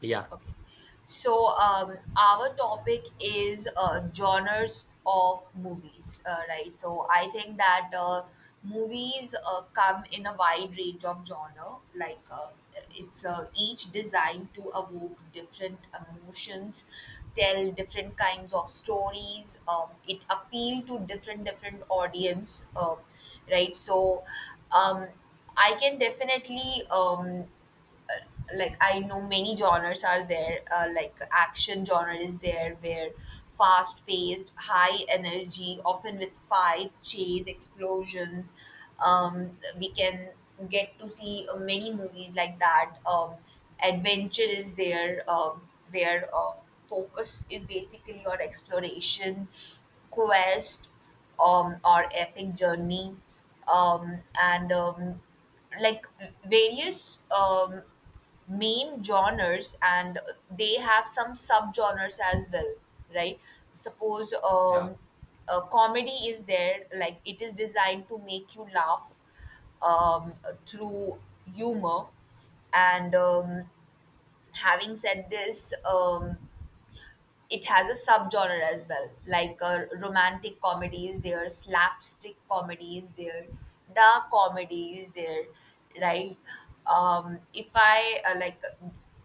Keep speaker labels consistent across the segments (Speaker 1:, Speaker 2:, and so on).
Speaker 1: Yeah,
Speaker 2: So, our topic is genres of movies, right? So, I think that movies come in a wide range of genre. Like, it's each designed to evoke different emotions, tell different kinds of stories. It appeal to different audience, right? So, um, I can definitely like I know many genres are there. Like action genre is there, where fast paced, high energy, often with fight, chase, explosion. We can get to see many movies like that. Adventure is there, where focus is basically on exploration, quest, or epic journey, and like various main genres, and they have some subgenres as well, right? suppose
Speaker 1: yeah,
Speaker 2: um, uh, comedy is there, like it is designed to make you laugh um, through humor. And having said this, it has a subgenre as well, like romantic comedy is there, slapstick comedy is there, dark comedy is there, right? Um, if I uh, like,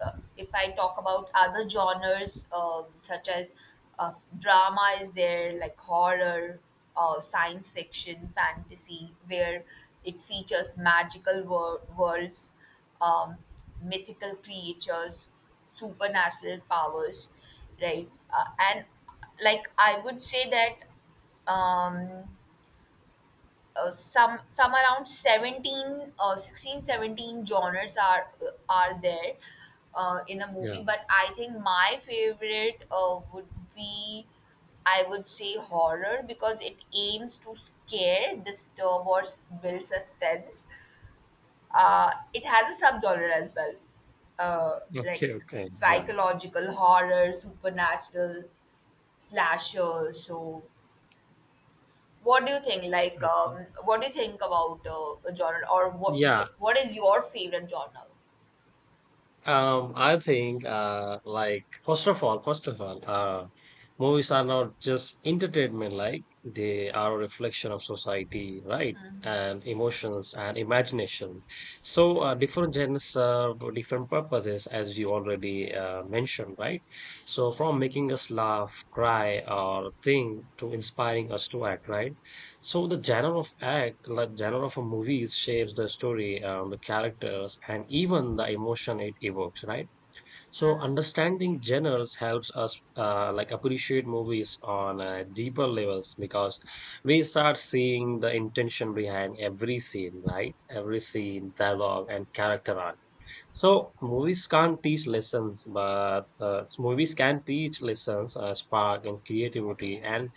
Speaker 2: uh, if I talk about other genres such as drama is there, like horror, science fiction, fantasy, where it features worlds, um, mythical creatures, supernatural powers, right? And like I would say that some around 17 16, 17 genres are there in a movie,
Speaker 1: yeah.
Speaker 2: but I think my favorite would be I would say horror because it aims to scare, disturb, or build suspense. It has a subgenre as well, uh, like
Speaker 1: Okay, okay, yeah,
Speaker 2: psychological horror, supernatural, slasher. So, what do you think? Like,
Speaker 1: okay.
Speaker 2: what do you think about a genre, or what
Speaker 1: Yeah,
Speaker 2: what is your favorite genre?
Speaker 1: I think like first of all, movies are not just entertainment, like they are a reflection of society, right? And emotions and imagination. So, different genres serve different purposes, as you already mentioned, right? So, from making us laugh, cry, or think to inspiring us to act, right? So, the genre of act, like genre of a movie shapes the story, the characters, and even the emotion it evokes, right? So understanding genres helps us like appreciate movies on deeper levels, because we start seeing the intention behind every scene, right? Every scene, dialogue, and character arc. So movies can't teach lessons, but movies can teach lessons, spark and creativity, and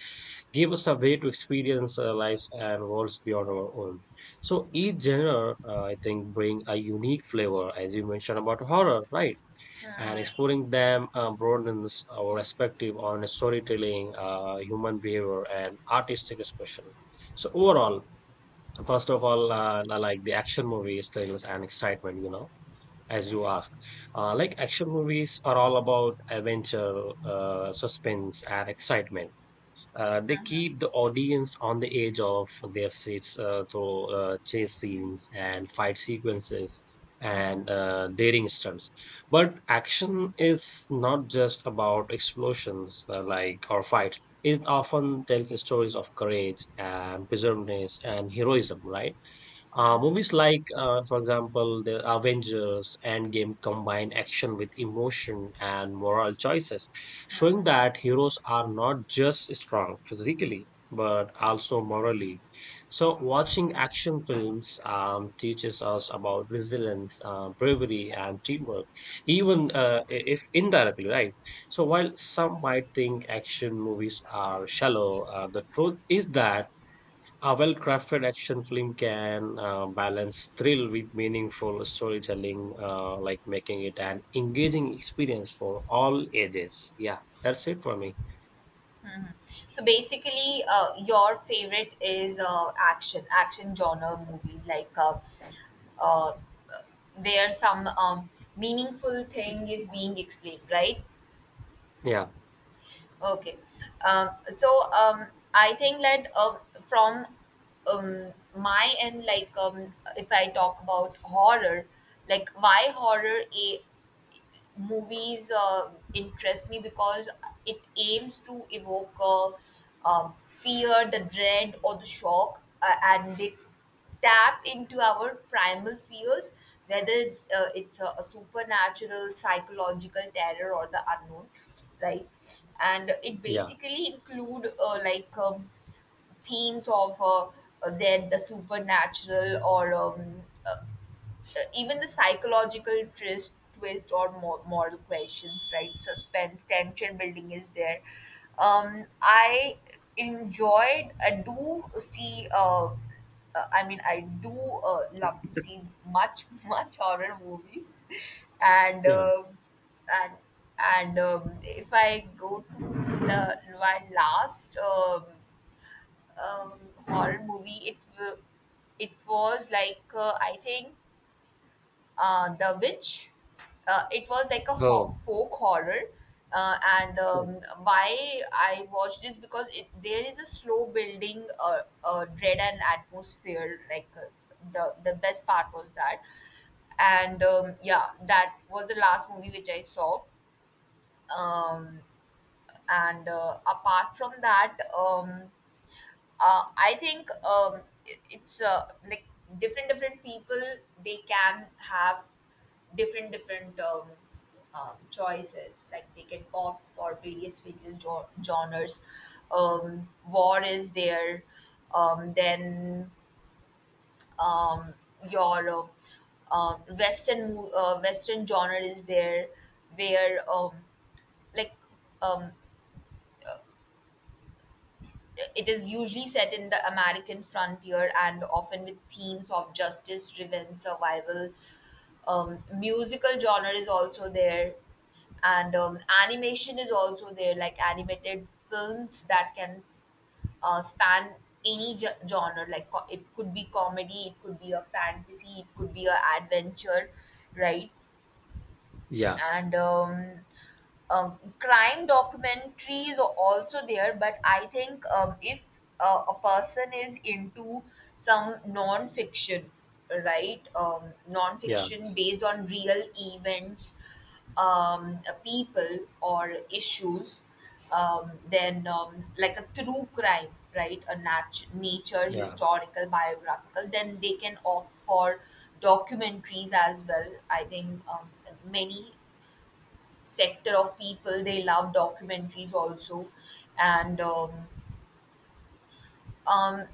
Speaker 1: give us a way to experience lives and worlds beyond our own. So each genre, I think, bring a unique flavor, as you mentioned about horror, right? And exploring them broadens our perspective on storytelling, human behavior, and artistic expression. So overall, first of all, I like the action movies, thrills, and excitement. You know, as you asked, like action movies are all about adventure, suspense, and excitement. They keep the audience on the edge of their seats through chase scenes and fight sequences and daring stunts. But action is not just about explosions, like or fights. It often tells stories of courage and perseverance and heroism, right? Movies like, for example, the Avengers Endgame, combine action with emotion and moral choices, showing that heroes are not just strong physically, but also morally. So, watching action films teaches us about resilience, bravery, and teamwork, even if indirectly, right? So, while some might think action movies are shallow, the truth is that a well crafted action film can balance thrill with meaningful storytelling, like making it an engaging experience for all ages. Yeah, that's it for me.
Speaker 2: Mhm. So basically, your favorite is action genre movies, like uh, where some meaningful thing is being explained, right?
Speaker 1: Yeah,
Speaker 2: Okay. So, I think that from my end, like if I talk about horror, like why horror? A movies interest me because it aims to evoke fear, the dread, or the shock, and they tap into our primal fears, whether it's a supernatural, psychological terror, or the unknown, right? And it
Speaker 1: yeah,
Speaker 2: basically include like themes of then the supernatural, or even the psychological twist or more moral questions, right? Suspense, tension building is there. I enjoyed. I do see. I mean, I do love to see much much horror movies, and
Speaker 1: yeah.
Speaker 2: uh, and and if I go to the my last um, horror movie, it was like I think The Witch. It was like a
Speaker 1: Oh,
Speaker 2: folk horror. And
Speaker 1: oh,
Speaker 2: why I watched this because there is a slow building dread and atmosphere. Like the best part was that, and yeah, that was the last movie which I saw. Um, and apart from that, I think it's like different people, they can have different choices, like they can opt for various genres. War is there, then um, your western genre is there, where like um, it is usually set in the American frontier, and often with themes of justice, revenge, survival. Musical genre is also there, and animation is also there, like animated films that can span any genre, like it could be comedy, it could be a fantasy, it could be a adventure, right?
Speaker 1: yeah,
Speaker 2: And crime documentaries are also there, but I think if a person is into some non-fiction, right,
Speaker 1: yeah,
Speaker 2: non-fiction based on real events, people or issues, then like a true crime, right, a nature,
Speaker 1: yeah.
Speaker 2: historical, biographical, then they can opt for documentaries as well. I think many sector of people they love documentaries also. and um, um,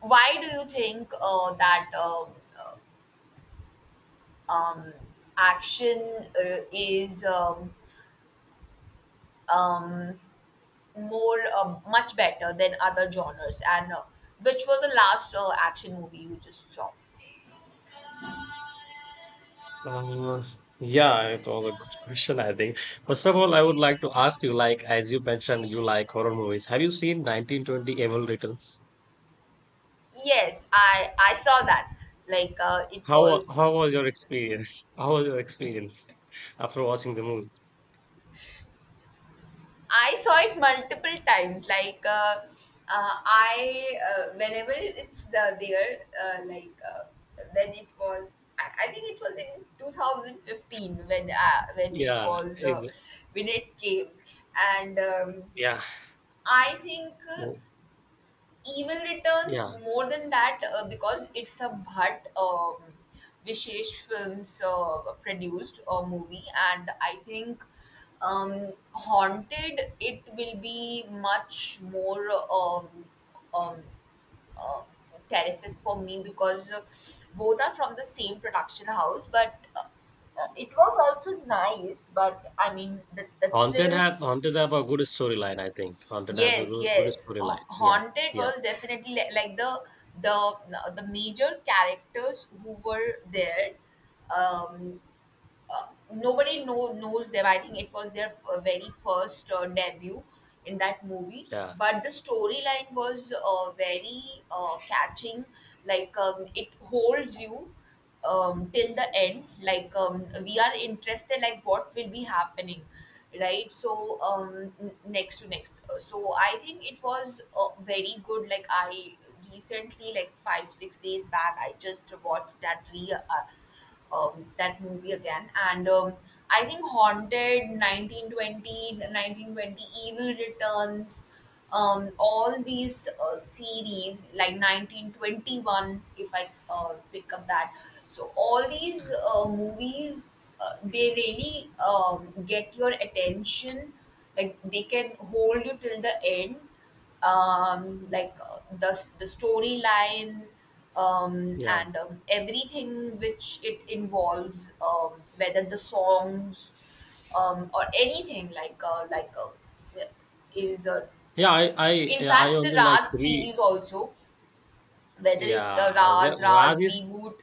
Speaker 2: why do you think that um, action is um, more much better than other genres, and which was the last action movie you just saw?
Speaker 1: Um, yeah, it was a good question, I think. First of all, I would like to ask you, like, as you mentioned, you like horror movies. Have you seen 1920 Evil Returns?
Speaker 2: Yes, I saw that. Like it was.
Speaker 1: How was your experience? How was your experience after watching the movie?
Speaker 2: I saw it multiple times. Like whenever like when it was, I think it was in 2015 when it
Speaker 1: Yeah,
Speaker 2: was
Speaker 1: exa
Speaker 2: when it came. And
Speaker 1: yeah,
Speaker 2: I think. Uh,
Speaker 1: mm,
Speaker 2: even returns
Speaker 1: yeah.
Speaker 2: more than that because it's a Bhatt Vishesh Films produced movie, and I think Haunted it will be much more um, uh, terrific for me because both are from the same production house, but it was also nice. But I mean, the thrill.
Speaker 1: Haunted have a good storyline, I think. Haunted has a
Speaker 2: Yes,
Speaker 1: good
Speaker 2: yes.
Speaker 1: storyline. Yeah,
Speaker 2: Haunted
Speaker 1: yeah,
Speaker 2: was definitely like the the major characters who were there. Um, nobody knows them. I think it was their very first debut in that movie.
Speaker 1: yeah,
Speaker 2: But the storyline was very catching. It holds you till the end. We are interested. Like what will be happening, right? So, next to next. So I think it was very good. Like I recently, like 5-6 days back, I just watched that re. That movie again. And I think Haunted, 1920 1920 Evil Returns, all these series, like 1921, if I pick up that. So, all these movies, they really get your attention. Like, they can hold you till the end, like the storyline,
Speaker 1: yeah.
Speaker 2: and everything which it involves, whether the songs, or anything like is
Speaker 1: Yeah, I
Speaker 2: in
Speaker 1: Yeah, I
Speaker 2: fact the
Speaker 1: only like
Speaker 2: Raj
Speaker 1: three.
Speaker 2: series also, whether it's
Speaker 1: Yeah,
Speaker 2: a
Speaker 1: the
Speaker 2: Raj
Speaker 1: Raj is,
Speaker 2: reboot.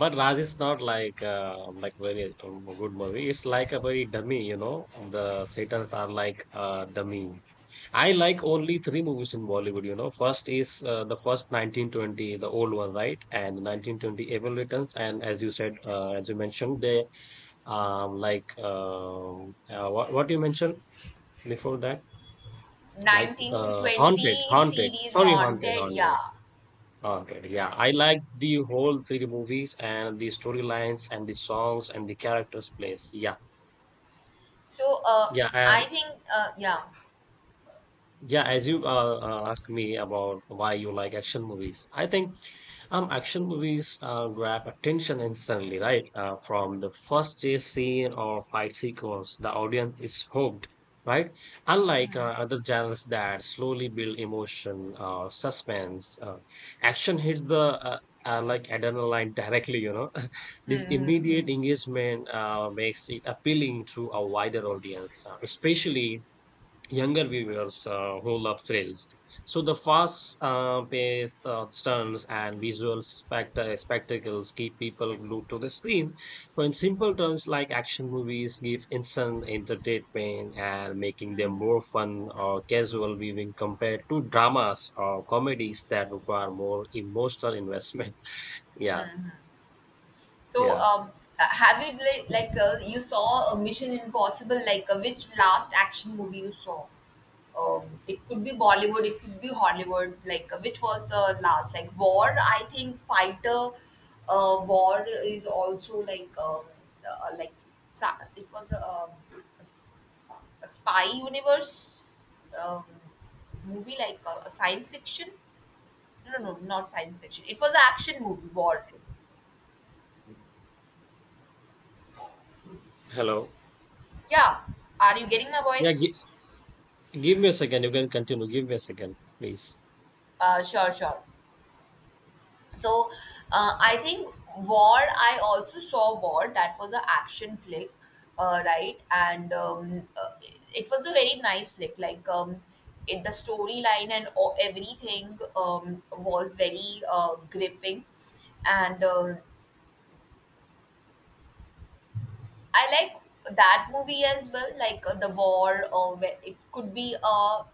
Speaker 1: but Raj is not like like very good movie. It's like a very dummy, you know. The Satans are like dummy. I like only three movies in Bollywood, you know. First is the first 1920, the old one, right? And 1920 Evil Returns. And as you said, as you mentioned, they like what you mentioned before that, like Haunted,
Speaker 2: 1920
Speaker 1: Haunted.
Speaker 2: series,
Speaker 1: Sorry, Haunted,
Speaker 2: haunted,
Speaker 1: Haunted,
Speaker 2: yeah.
Speaker 1: Haunted. Yeah, I like the whole three movies and the storylines and the songs and the characters' plays. Yeah,
Speaker 2: So
Speaker 1: yeah,
Speaker 2: I
Speaker 1: and.
Speaker 2: think yeah.
Speaker 1: Yeah, as you asked me about why you like action movies, I think action movies grab attention instantly, right? From the first chase scene or fight sequence, the audience is hooked, right? Unlike other genres that slowly build emotion, suspense, action hits the uh, like adrenaline directly. You know, this
Speaker 2: Hmm. Hmm.
Speaker 1: immediate
Speaker 2: Hmm.
Speaker 1: engagement makes it appealing to a wider audience, especially younger viewers who love thrills. So the fast pace stunts and visual spectacles keep people glued to the screen. When simple terms like action movies give instant entertainment and making them more fun or casual viewing compared to dramas or comedies that require more emotional investment. Yeah,
Speaker 2: So,
Speaker 1: yeah.
Speaker 2: have you like you saw a Mission Impossible? Like which last action movie you saw? It could be Bollywood, it could be Hollywood. Like which was the last? Like War, I think Fighter. War is also like it was a, a, s- a spy universe um, movie, like a science fiction. No, no, no, not science fiction. It was an action movie, War.
Speaker 1: Hello.
Speaker 2: Yeah, are you getting my
Speaker 1: Yeah, gi-
Speaker 2: voice?
Speaker 1: Give me a second. You can continue. Give me a second, please.
Speaker 2: Sure, sure. So, I think War, I also saw War, that was an action flick, right? And it was a very nice flick. Like, the storyline and all, everything was very gripping. And I like that movie as well, like The War, or where it could be a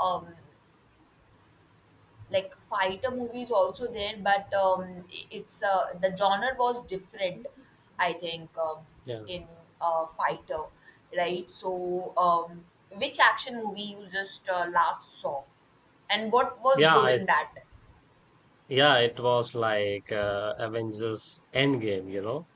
Speaker 2: um, like fighter movie is also there, but I- it's the genre was different. I think
Speaker 1: Yeah.
Speaker 2: in fighter, right? So, which action movie you just last saw, and what was
Speaker 1: Yeah,
Speaker 2: good
Speaker 1: I
Speaker 2: in that?
Speaker 1: Yeah, it was like Avengers Endgame, you know.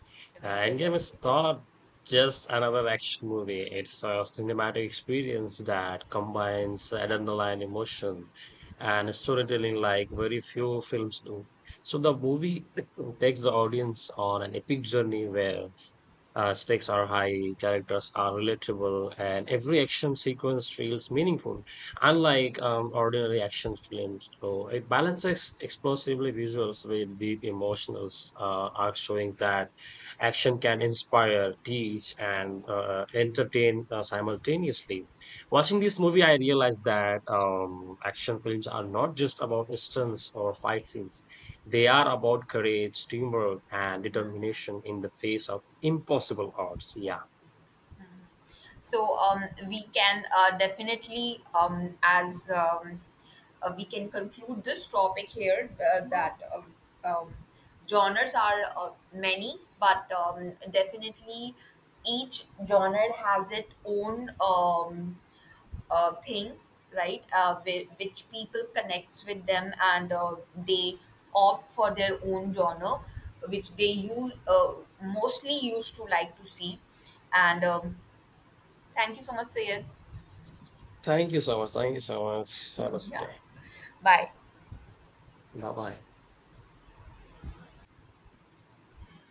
Speaker 2: Avengers
Speaker 1: Endgame is
Speaker 2: Endgame?
Speaker 1: not just another action movie, it's a cinematic experience that combines adrenaline, emotion, and storytelling like very few films do. So the movie takes the audience on an epic journey where stakes are high, characters are relatable, and every action sequence feels meaningful, unlike ordinary action films. So it balances explosively visuals with deep emotional arcs, showing that action can inspire, teach, and entertain simultaneously. Watching this movie, I realized that action films are not just about stunts or fight scenes. They are about courage, teamwork, and determination in the face of impossible odds. Yeah.
Speaker 2: So, we can definitely, as we can conclude this topic here, that um, genres are many, but definitely each genre has its own thing, right? Which people connects with them, and they opt for their own genre, which they use mostly used to like to see, and. Thank you so much, Sayed.
Speaker 1: Thank you so much. Thank you so much. Have a good
Speaker 2: Yeah.
Speaker 1: day.
Speaker 2: Bye.
Speaker 1: Bye bye.